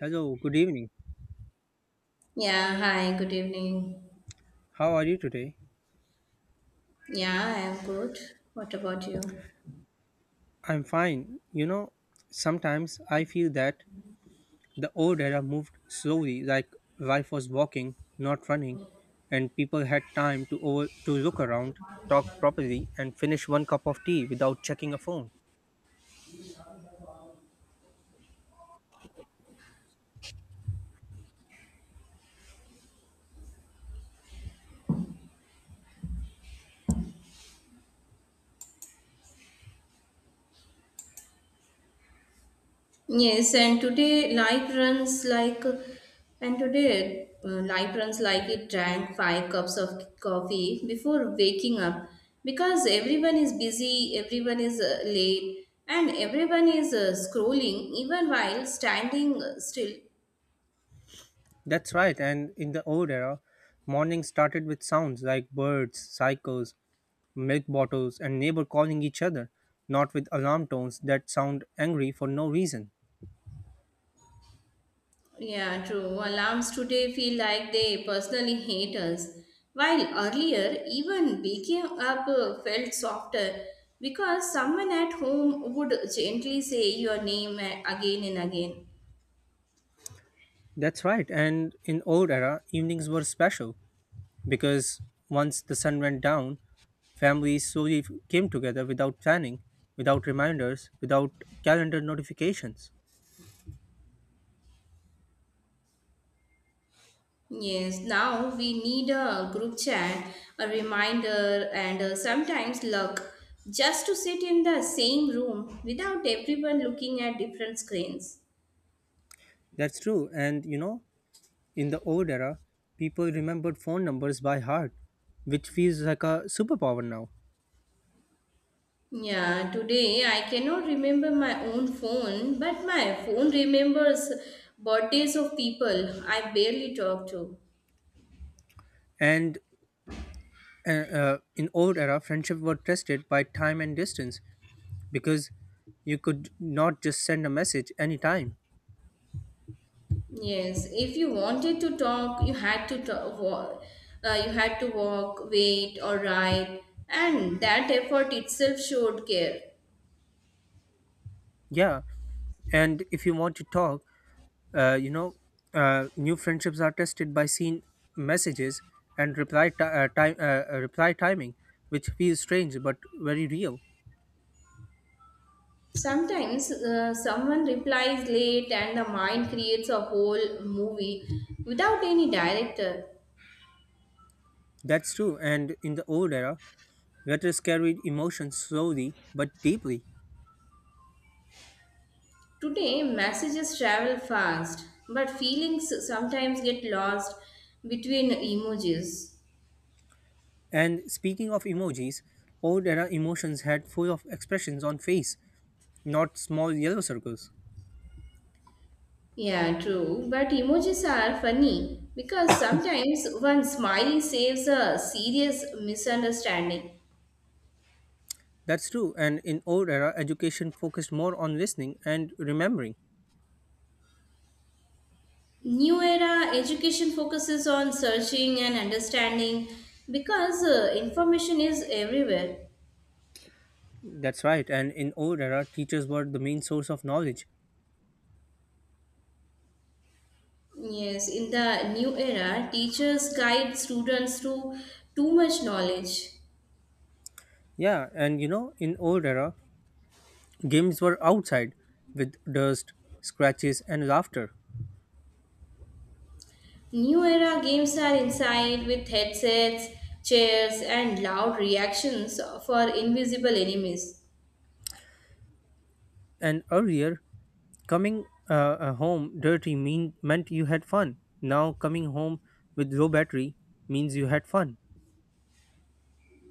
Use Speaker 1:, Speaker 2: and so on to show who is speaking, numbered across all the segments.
Speaker 1: Hello, good evening.
Speaker 2: Yeah, hi, good evening.
Speaker 1: How are you today?
Speaker 2: Yeah, I am good. What about you?
Speaker 1: I'm fine. You know, sometimes I feel that the old era moved slowly, like life was walking, not running, and people had time to over to look around, talk properly, and finish one cup of tea without checking a phone.
Speaker 2: Yes, and today life runs like, and today life runs like it drank five cups of coffee before waking up because everyone is busy, everyone is late, and everyone is scrolling even while standing still.
Speaker 1: That's right. And in the old era, morning started with sounds like birds, cycles, milk bottles, and neighbor calling each other, not with alarm tones that sound angry for no reason.
Speaker 2: Yeah, true. Alarms today feel like they personally hate us. While earlier, even waking up felt softer because someone at home would gently say your name again and again.
Speaker 1: That's right. And in old era, evenings were special because once the sun went down, families slowly came together without planning, without reminders, without calendar notifications.
Speaker 2: Yes, now we need a group chat, a reminder, and sometimes luck just to sit in the same room without everyone looking at different screens.
Speaker 1: That's true. And you know, in the old era, people remembered phone numbers by heart, which feels like a superpower now.
Speaker 2: Yeah, today I cannot remember my own phone, but my phone remembers birthdays of people I barely talk to.
Speaker 1: And in old era, friendship were tested by time and distance because you could not just send a message anytime.
Speaker 2: Yes, if you wanted to talk, you had to you had to walk, wait, or ride, and that effort itself showed care.
Speaker 1: Yeah, and if you want to talk, uh, you know, new friendships are tested by seen messages and reply ti time reply timing, which feels strange but very real.
Speaker 2: Sometimes someone replies late, and the mind creates a whole movie without any director.
Speaker 1: That's true. And in the old era, letters carried emotions slowly but deeply.
Speaker 2: Today, messages travel fast, but feelings sometimes get lost between emojis.
Speaker 1: And speaking of emojis, old era emotions had full of expressions on face, not small yellow circles.
Speaker 2: Yeah, true. But emojis are funny because sometimes one smiley saves a serious misunderstanding.
Speaker 1: That's true. And in old era, education focused more on listening and remembering.
Speaker 2: New era education focuses on searching and understanding because information is everywhere.
Speaker 1: That's right. And in old era, teachers were the main source of knowledge.
Speaker 2: Yes, in the new era, teachers guide students to too much knowledge.
Speaker 1: Yeah, and you know, in old era, games were outside with dust, scratches, and laughter.
Speaker 2: New era games are inside with headsets, chairs, and loud reactions for invisible enemies.
Speaker 1: And earlier, coming home dirty meant you had fun. Now coming home with low battery means you had fun.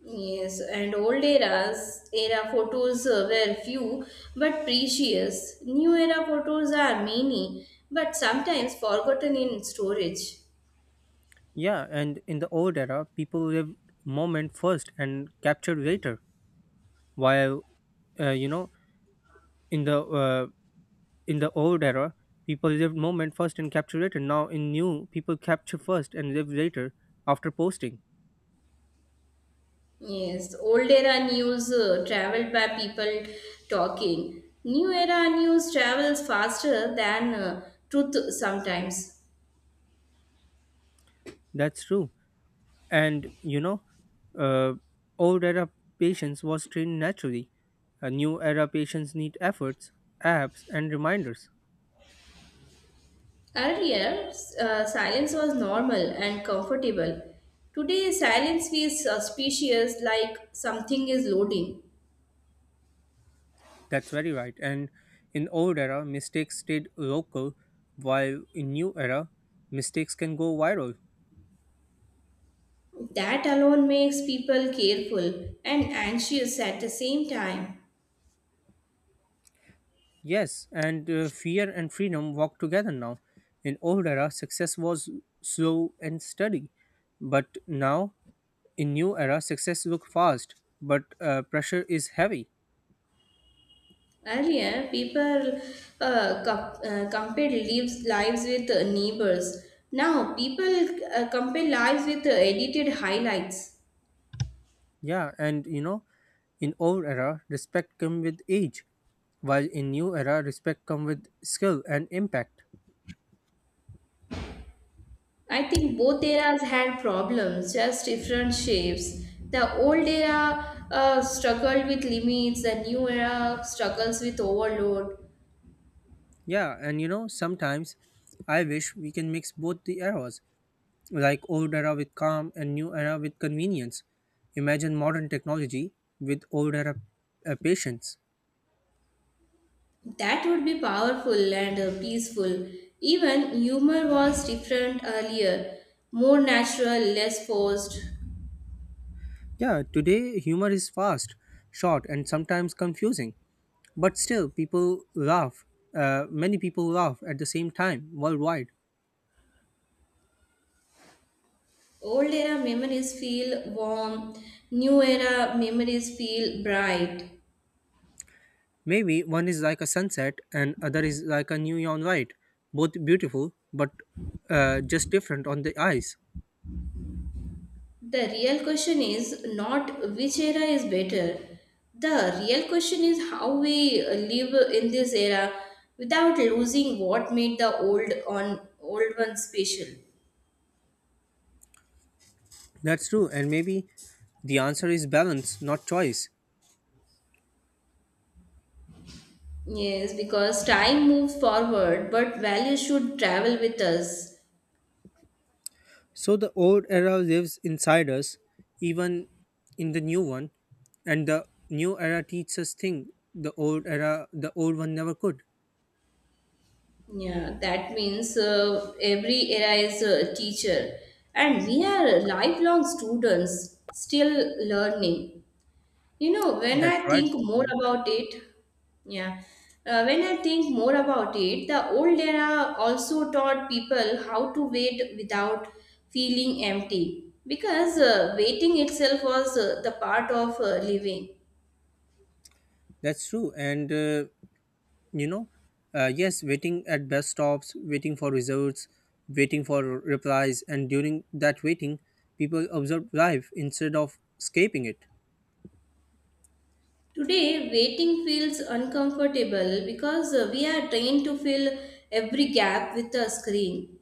Speaker 2: Yes, and old era photos were few but precious. New era photos are many but sometimes forgotten in storage.
Speaker 1: Yeah, and in the old era, people lived moment first and captured later. While uh, you know, in the old era, people lived moment first and capture later. Now in new, people capture first and live later after posting.
Speaker 2: Yes, old era news traveled by people talking. New era news travels faster than truth sometimes.
Speaker 1: That's true. And you know, uh, old era patience was trained naturally. A new era patients need efforts, apps, and reminders.
Speaker 2: Earlier, silence was normal and comfortable. Today, silence feels suspicious like something is loading.
Speaker 1: That's very right. And in old era, mistakes stayed local, while in new era, mistakes can go viral.
Speaker 2: That alone makes people careful and anxious at the same time.
Speaker 1: Yes, and fear and freedom walk together now. In old era, success was slow and steady, but now in new era, success look fast, but pressure is heavy.
Speaker 2: Earlier, people compared lives with neighbors. Now, people compare lives with edited highlights.
Speaker 1: Yeah, and you know, in old era, respect come with age, while in new era, respect come with skill and impact.
Speaker 2: I think both eras had problems, just different shapes. The old era struggled with limits, the new era struggles with overload.
Speaker 1: Yeah, and you know, sometimes I wish we can mix both the eras like old era with calm and new era with convenience. Imagine modern technology with old era patience.
Speaker 2: That would be powerful and peaceful. Even humor was different earlier, more natural, less forced.
Speaker 1: Yeah, today humor is fast, short, and sometimes confusing, but still people laugh. Many people laugh at the same time worldwide.
Speaker 2: Old era memories feel warm, new era memories feel bright.
Speaker 1: Maybe one is like a sunset and other is like a neon light, both beautiful but just different on the eyes.
Speaker 2: The real question is not which era is better. The real question is how we live in this era without losing what made the old on old one special.
Speaker 1: That's true, and maybe the answer is balance, not choice.
Speaker 2: Yes, because time moves forward, but values should travel with us.
Speaker 1: So the old era lives inside us, even in the new one, and the new era teaches us thing the old era, the old one never could.
Speaker 2: Yeah, that means every era is a teacher, and we are lifelong students still learning. You know, when
Speaker 1: That's
Speaker 2: I
Speaker 1: right.
Speaker 2: think more
Speaker 1: Kutlu.
Speaker 2: about it, yeah, the old era also taught people how to wait without feeling empty because waiting itself was the part of living.
Speaker 1: That's true. And you know, yes, waiting at bus stops, waiting for results, waiting for replies, and during that waiting, people observe life instead of escaping it.
Speaker 2: Today, waiting feels uncomfortable because we are trained to fill every gap with a screen.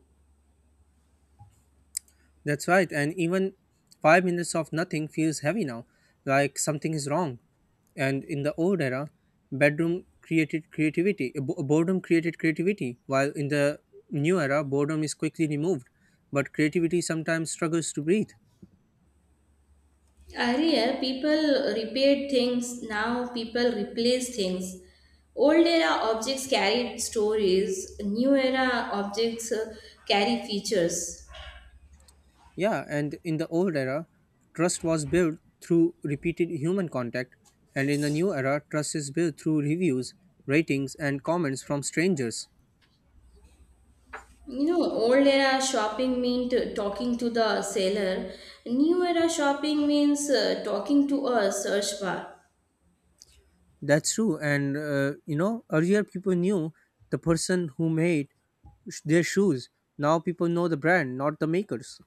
Speaker 1: That's right, and even 5 minutes of nothing feels heavy now, like something is wrong. And in the old era, bedroom created creativity, bo- boredom created creativity, while in the new era, boredom is quickly removed. But creativity sometimes struggles to breathe.
Speaker 2: Earlier, people repaired things, now people replace things. Old era objects carried stories, new era objects carry features.
Speaker 1: Yeah, and in the old era, trust was built through repeated human contact, and in the new era, trust is built through reviews, ratings, and comments from strangers.
Speaker 2: You know, old era shopping meant talking to the seller, new era shopping means talking to a search bar.
Speaker 1: That's true. And, earlier people knew the person who made their shoes. Now people know the brand, not the makers.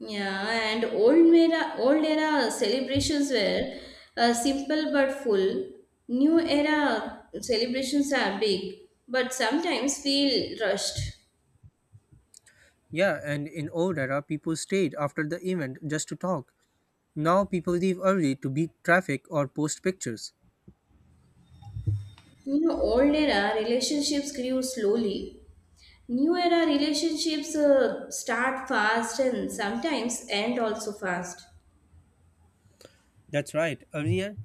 Speaker 2: Yeah, and old era celebrations were simple but full. New era celebrations are big, but sometimes feel rushed.
Speaker 1: Yeah, and in old era, people stayed after the event just to talk. Now people leave early to beat traffic or post pictures.
Speaker 2: You know, old era relationships grew slowly. New era relationships start fast and sometimes end also fast.
Speaker 1: That's right. Earlier,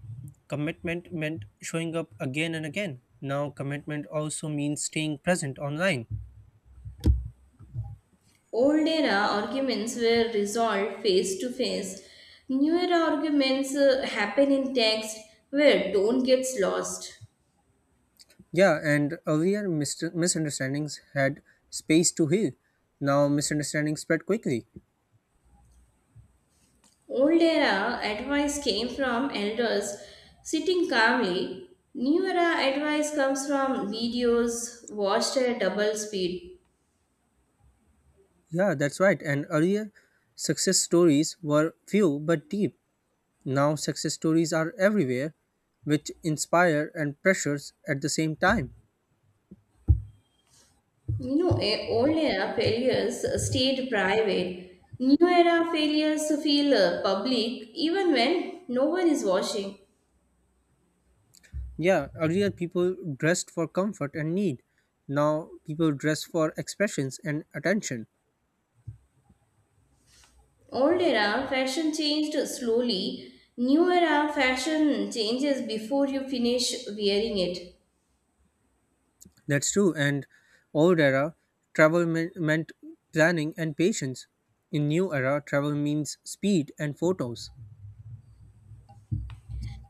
Speaker 1: commitment meant showing up again and again. Now, commitment also means staying present online.
Speaker 2: Old era arguments were resolved face to face. New era arguments happen in text where tone gets lost.
Speaker 1: Yeah, and earlier misunderstandings had space to heal. Now, misunderstandings spread quickly.
Speaker 2: Old era advice came from elders sitting calmly. New era advice comes from videos watched at double speed.
Speaker 1: Yeah, that's right. And earlier, success stories were few but deep. Now, success stories are everywhere, which inspire and pressures at the same time.
Speaker 2: Old era failures stayed private. New era failures feel public even when no one is watching.
Speaker 1: Yeah, earlier people dressed for comfort and need. Now, people dress for expressions and attention.
Speaker 2: Old era fashion changed slowly. New era fashion changes before you finish wearing it.
Speaker 1: That's true. And old era, travel meant planning and patience. In new era, travel means speed and photos.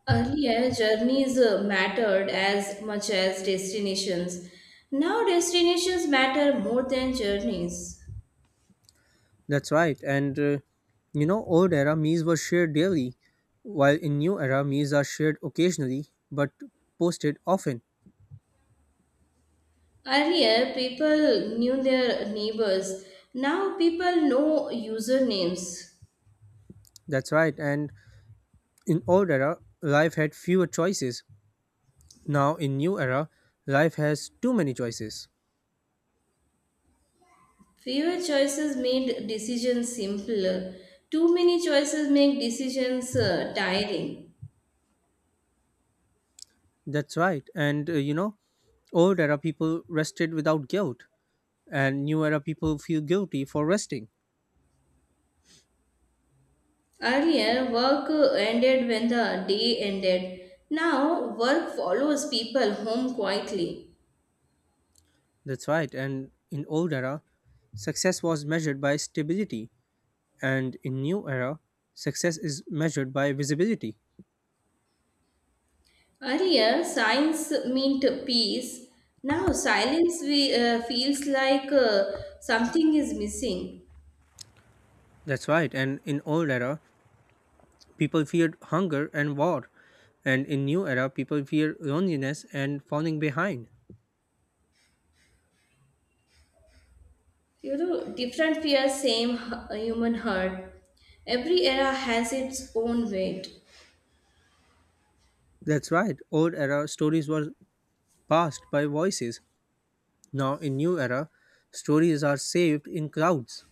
Speaker 2: Earlier, journeys mattered as much as destinations. Now, destinations matter more than journeys.
Speaker 1: That's right. And old era meals were shared daily, while in new era meals are shared occasionally but posted often.
Speaker 2: Earlier, people knew their neighbors. Now, people know usernames.
Speaker 1: That's right. And in old era, life had fewer choices. Now in new era, life has too many choices.
Speaker 2: Fewer choices made decisions simpler. Too many choices make decisions tiring.
Speaker 1: That's right. And old era people rested without guilt, and new era people feel guilty for resting.
Speaker 2: Earlier, work ended when the day ended. Now, work follows people home quietly.
Speaker 1: That's right. And in old era, success was measured by stability and in new era success is measured by visibility.
Speaker 2: Earlier, science meant peace. Now, feels like something is missing.
Speaker 1: That's right, and in old era people feared hunger and war, and in new era people fear loneliness and falling behind.
Speaker 2: You know, different fears, same human heart. Every era has its own weight.
Speaker 1: That's right. Old era stories were passed by voices. Now in new era stories are saved in clouds,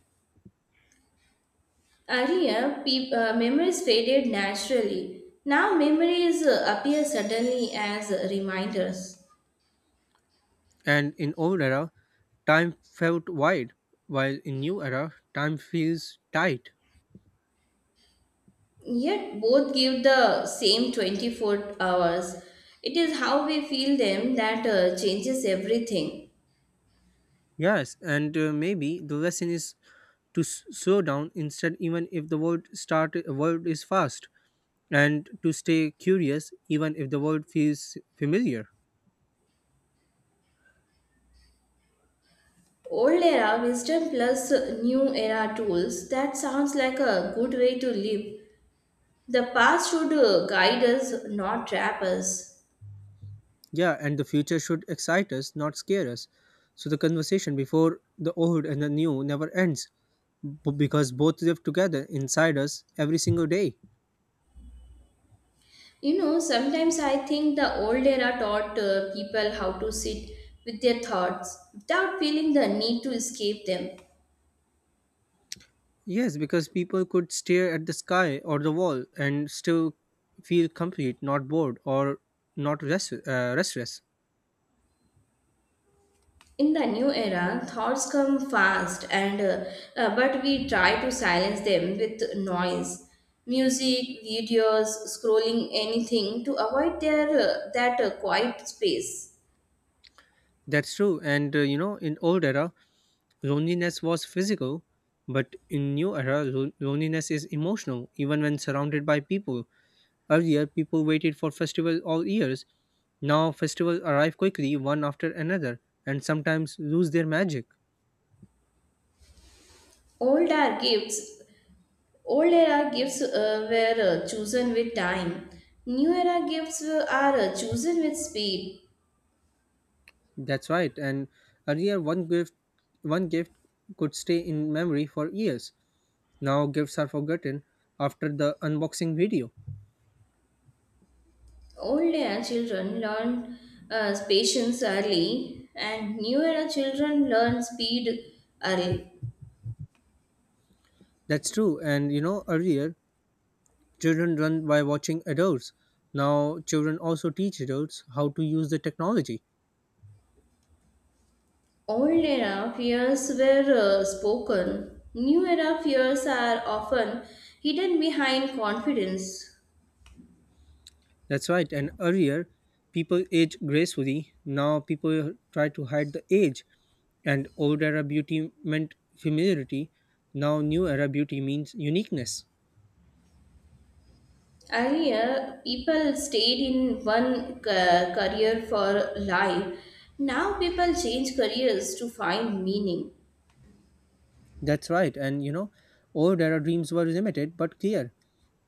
Speaker 2: Earlier, peop memories faded naturally. Now, memories appear suddenly as reminders.
Speaker 1: and in old era time felt wide, while in new era time feels tight.
Speaker 2: Yet, both give the same 24 hours. It is how we feel them that changes everything.
Speaker 1: Yes, and maybe the lesson is to slow down instead, even if the world is fast, and to stay curious even if the world feels familiar.
Speaker 2: Old era wisdom plus new era tools, that sounds like a good way to live. The past should guide us, not trap us.
Speaker 1: Yeah, and the future should excite us, not scare us. So the conversation before the old and the new never ends, because both live together inside us every single day.
Speaker 2: You know, sometimes I think the old era taught people how to sit with their thoughts without feeling the need to escape them.
Speaker 1: Yes, because people could stare at the sky or the wall and still feel complete, not bored or not restless.
Speaker 2: In the new era, thoughts come fast, and but we try to silence them with noise, music, videos, scrolling, anything to avoid their that quiet space.
Speaker 1: That's true. And in old era loneliness was physical, but in new era, loneliness is emotional, even when surrounded by people. Earlier, people waited for festivals all years. Now, festivals arrive quickly, one after another, and sometimes lose their magic.
Speaker 2: Old era gifts, old era gifts were chosen with time. New era gifts are chosen with speed.
Speaker 1: That's right. And earlier, one gift could stay in memory for years. Now, gifts are forgotten after the unboxing video.
Speaker 2: Old era children learn patience early, and new era children learn speed early.
Speaker 1: That's true. And you know, earlier children learn by watching adults. Now, children also teach adults how to use the technology.
Speaker 2: Old era fears were spoken. New era fears are often hidden behind confidence.
Speaker 1: That's right. And earlier, people age gracefully. Now, people try to hide the age. And old era beauty meant familiarity. Now, new era beauty means uniqueness.
Speaker 2: Earlier, people stayed in one career for life. Now, people change careers to find meaning.
Speaker 1: That's right. And you know, old era dreams were limited but clear.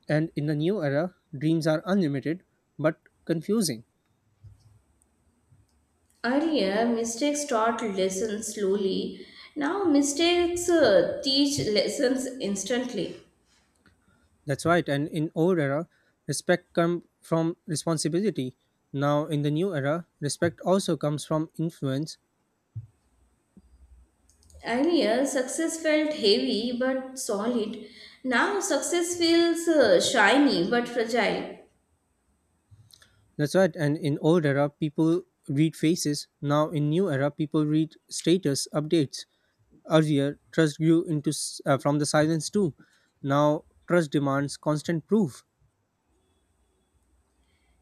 Speaker 1: And in the new era, dreams are unlimited but confusing.
Speaker 2: Earlier, mistakes taught lessons slowly. Now, mistakes teach lessons instantly.
Speaker 1: That's right. And in old era, respect come from responsibility. Now in the new era, respect also comes from influence.
Speaker 2: Earlier, success felt heavy but solid. Now, success feels shiny but fragile.
Speaker 1: That's right. And in old era, people read faces. Now in new era, people read status updates. Earlier, trust grew from the silence too. Now trust demands constant proof.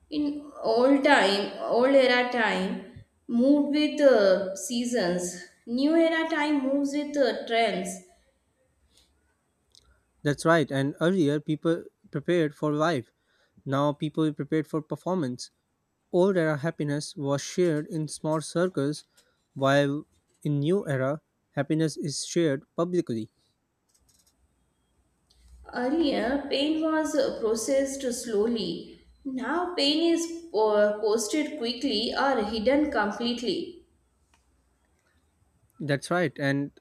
Speaker 2: In old era time, moved with seasons. New era time moves with trends.
Speaker 1: That's right. And earlier, people prepared for life. Now, people prepared for performance. Old era happiness was shared in small circles, while in new era, happiness is shared publicly.
Speaker 2: Earlier, pain was processed slowly. Now, pain is posted quickly or hidden completely.
Speaker 1: That's right. And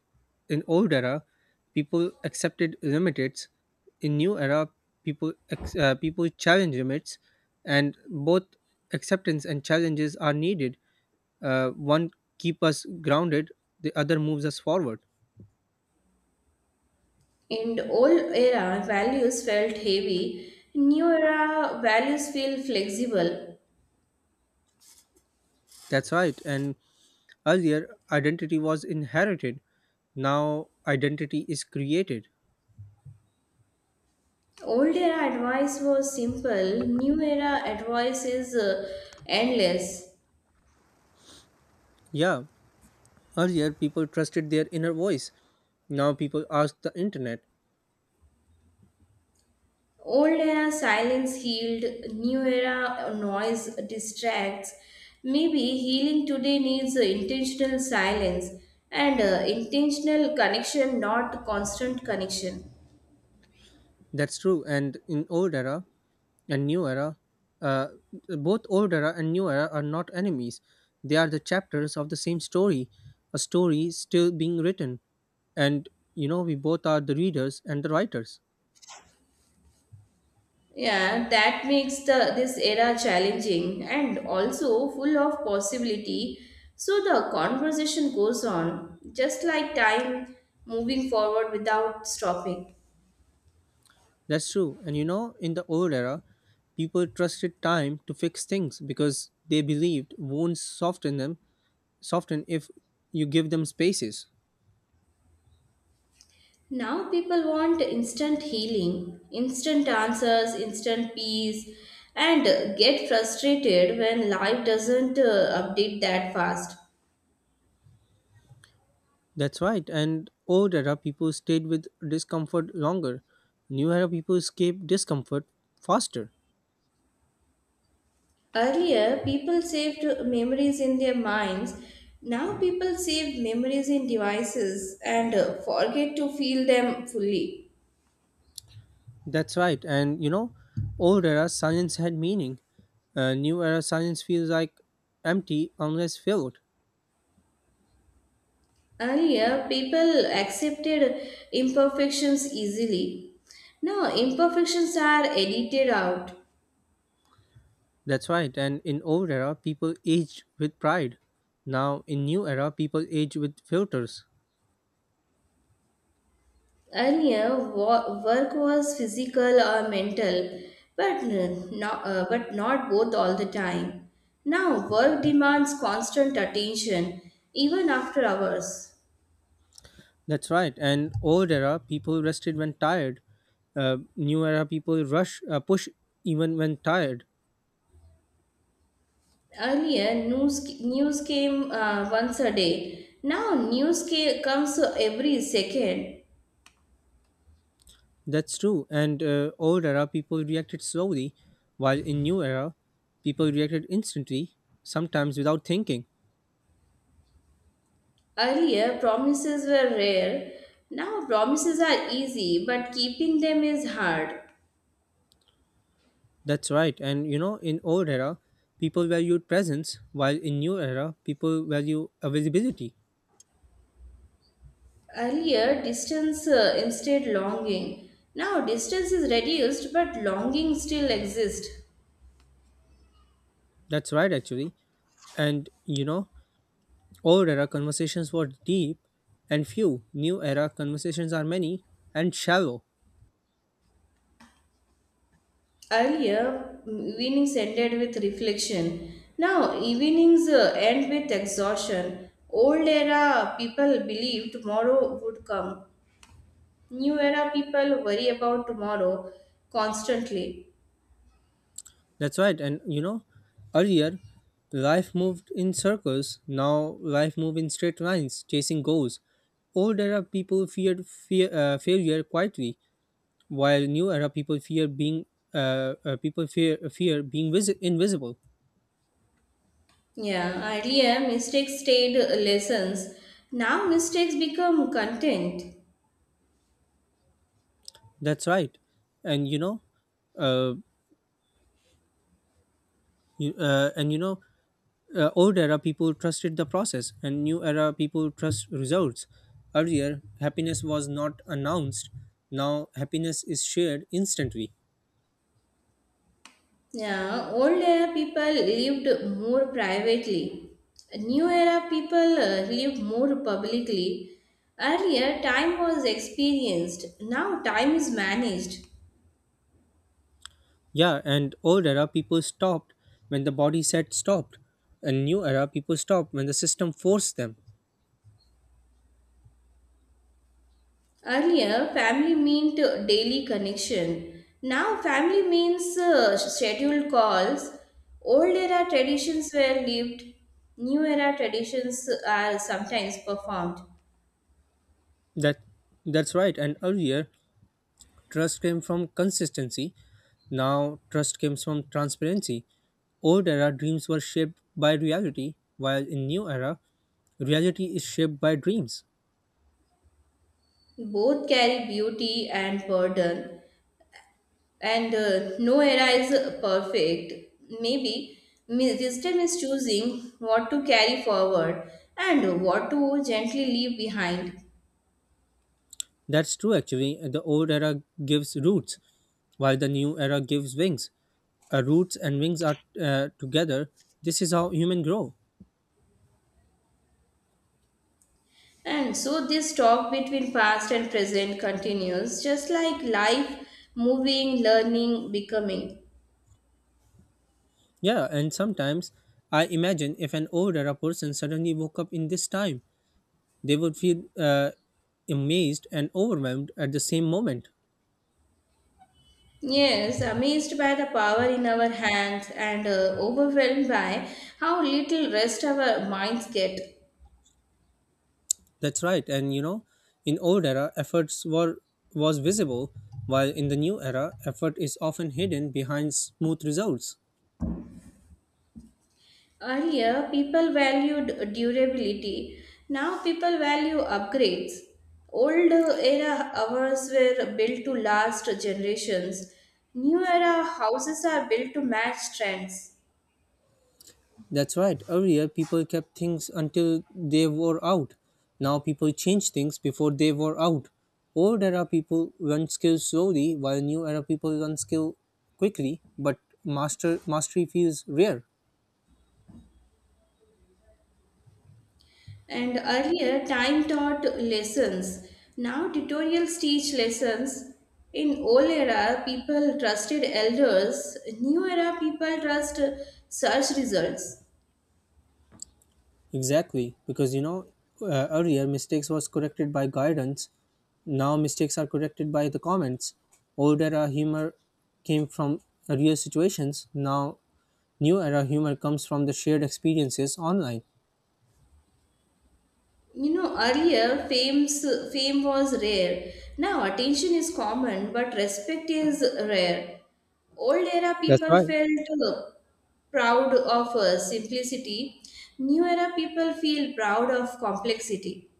Speaker 1: in old era, people accepted limits. In new era, people ex- people challenge limits, and both acceptance and challenges are needed. One keep us grounded, the other moves us forward.
Speaker 2: In the old era, values felt heavy. New era, values feel flexible.
Speaker 1: That's right. And earlier, identity was inherited. Now, identity is created.
Speaker 2: Old era advice was simple, new era advice is endless.
Speaker 1: Yeah, earlier people trusted their inner voice. Now people ask the internet.
Speaker 2: Old era silence healed, new era noise distracts. Maybe healing today needs intentional silence and intentional connection, not constant connection.
Speaker 1: That's true. And in old era and new era, uh, both old era and new era are not enemies. They are the chapters of the same story, a story still being written. And you know, we both are the readers and the writers.
Speaker 2: Yeah, that makes the this era challenging and also full of possibility. So the conversation goes on, just like time moving forward without stopping.
Speaker 1: That's true. And you know, in the old era, people trusted time to fix things because they believed wounds soften them, soften if you give them spaces.
Speaker 2: Now people want instant healing, instant answers, instant peace, and get frustrated when life doesn't update that fast.
Speaker 1: That's right. And old era people stayed with discomfort longer. New era people escape discomfort faster.
Speaker 2: Earlier, people saved memories in their minds. Now, people save memories in devices and forget to feel them fully.
Speaker 1: That's right. And you know, old era silence had meaning. New era silence feels like empty unless filled.
Speaker 2: Earlier, people accepted imperfections easily. Now, imperfections are edited out.
Speaker 1: That's right. And in old era, people aged with pride. Now, in new era, people age with filters.
Speaker 2: Earlier, work was physical or mental, but not both all the time. Now, work demands constant attention, even after hours.
Speaker 1: That's right. And old era, people rested when tired. New era, people push even when tired.
Speaker 2: Earlier, news came once a day. Now, comes every second.
Speaker 1: That's true. And old era, people reacted slowly, while in new era, people reacted instantly, sometimes without thinking.
Speaker 2: Earlier, promises were rare. Now, promises are easy, but keeping them is hard.
Speaker 1: That's right. And you know, in old era, people valued presence, while in new era, people value availability.
Speaker 2: Earlier, distance instead longing. Now, distance is reduced, but longing still exists.
Speaker 1: That's right, actually. And you know, old era conversations were deep and few. New era conversations are many and shallow.
Speaker 2: Earlier, evenings ended with reflection. Now, evenings end with exhaustion. Old era people believe tomorrow would come. New era people worry about tomorrow constantly.
Speaker 1: That's right. And you know, earlier life moved in circles. Now life moved in straight lines, chasing goals. Old era people feared failure quietly, while new era people fear being people fear fear being visi- invisible.
Speaker 2: Yeah, earlier mistakes stayed lessons. Now mistakes become content.
Speaker 1: That's right. And you know, uh, you, uh, and you know old era people trusted the process, and new era people trust results. Earlier happiness was not announced. Now happiness is shared instantly.
Speaker 2: Yeah, old era people lived more privately. New era people live more publicly. Earlier, time was experienced. Now, time is managed.
Speaker 1: Yeah, and old era people stopped when the body said stopped, and new era people stopped when the system forced them.
Speaker 2: Earlier, family meant daily connection. Now, family means scheduled calls. Old era traditions were lived. New era traditions are sometimes performed.
Speaker 1: That that's right, and earlier trust came from consistency. Now trust comes from transparency. Old era dreams were shaped by reality, while in new era, reality is shaped by dreams.
Speaker 2: Both carry beauty and burden. And no era is perfect. Maybe wisdom is choosing what to carry forward and what to gently leave behind.
Speaker 1: That's true actually. The old era gives roots, while the new era gives wings. Roots and wings are together. This is how human grow.
Speaker 2: And so this talk between past and present continues, just like life moving, learning, becoming.
Speaker 1: Yeah, and sometimes I imagine if an old era person suddenly woke up in this time, they would feel amazed and overwhelmed at the same moment.
Speaker 2: Yes, amazed by the power in our hands and overwhelmed by how little rest our minds get.
Speaker 1: That's right. And you know, in old era, efforts were was visible, while in the new era, effort is often hidden behind smooth results.
Speaker 2: Earlier, people valued durability. Now, people value upgrades. Old era houses were built to last generations. New era houses are built to match trends.
Speaker 1: That's right. Earlier, people kept things until they wore out. Now, people change things before they wore out. Old era people learn skills slowly, while new era people learn skill quickly. But mastery feels rare.
Speaker 2: And earlier, time taught lessons. Now, tutorials teach lessons. In old era, people trusted elders. New era, people trust search results.
Speaker 1: Exactly, because you know, earlier mistakes was corrected by guidance. Now mistakes are corrected by the comments. Old era humor came from real situations. Now new era humor comes from the shared experiences online.
Speaker 2: You know, earlier fame's fame was rare. Now attention is common, but respect is rare. Old era
Speaker 1: That's
Speaker 2: people
Speaker 1: right.
Speaker 2: felt uh, proud of simplicity. New era people feel proud of complexity.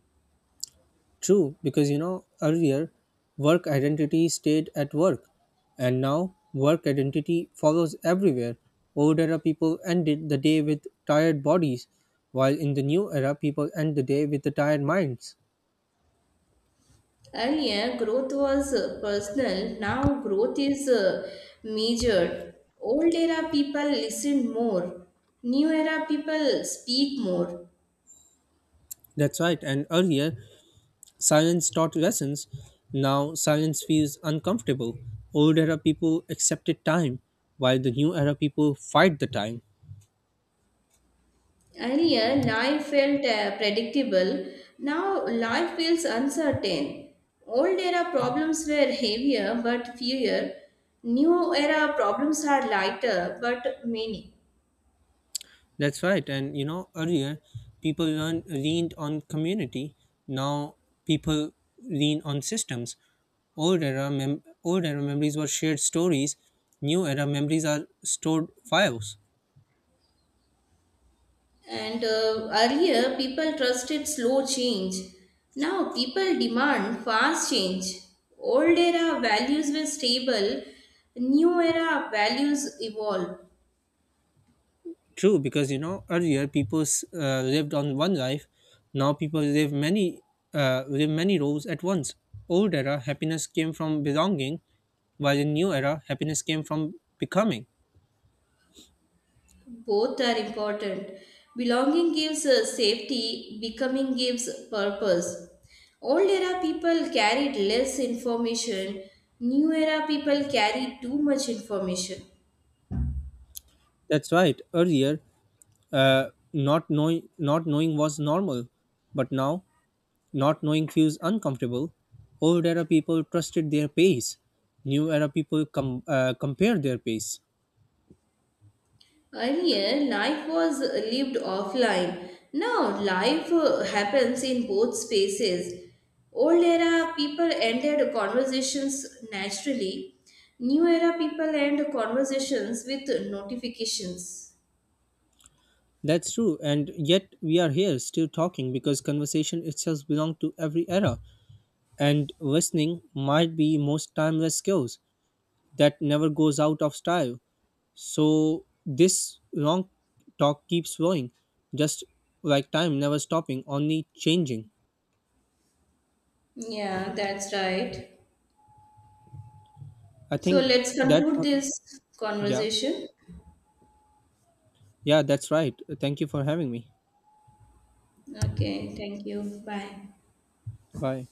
Speaker 1: True, because you know, earlier work identity stayed at work, and now work identity follows everywhere. Old era people ended the day with tired bodies, while in the new era people end the day with the tired minds.
Speaker 2: Earlier, growth was personal. Now, growth is measured. Old era people listen more. New era people speak more.
Speaker 1: That's right, and earlier science taught lessons. Now science feels uncomfortable. Old era people accepted time, while the new era people fight the time.
Speaker 2: Earlier, life felt predictable. Now, life feels uncertain. Old era problems were heavier but fewer. New era problems are lighter but many.
Speaker 1: That's right, and you know, earlier people leaned on community. Now people lean on systems. Old era memories were shared stories, new era memories are stored files.
Speaker 2: And Earlier, people trusted slow change. Now, people demand fast change. Old era values were stable. New era values evolve.
Speaker 1: True, because you know earlier people lived on one life. Now people live many roles at once. Old era happiness came from belonging, while in new era happiness came from becoming.
Speaker 2: Both are important. Belonging gives safety, becoming gives purpose. Old era people carried less information, new era people carry too much information.
Speaker 1: That's right. Earlier, uh, not knowing was normal, but now not knowing feels uncomfortable. Old era people trusted their pace. New era people compare their pace.
Speaker 2: Earlier, life was lived offline. Now, life happens in both spaces. Old era people ended conversations naturally, new era people end conversations with notifications.
Speaker 1: That's true, and yet we are here still talking because conversation itself belongs to every era, and listening might be most timeless skills that never goes out of style. So this long talk keeps flowing, just like time never stopping, only changing.
Speaker 2: Yeah, that's right.
Speaker 1: I
Speaker 2: So
Speaker 1: think
Speaker 2: let's
Speaker 1: that's
Speaker 2: conclude this
Speaker 1: Yeah,
Speaker 2: conversation.
Speaker 1: yeah, that's right. Thank you for having me.
Speaker 2: Okay, thank you. Bye.
Speaker 1: Bye.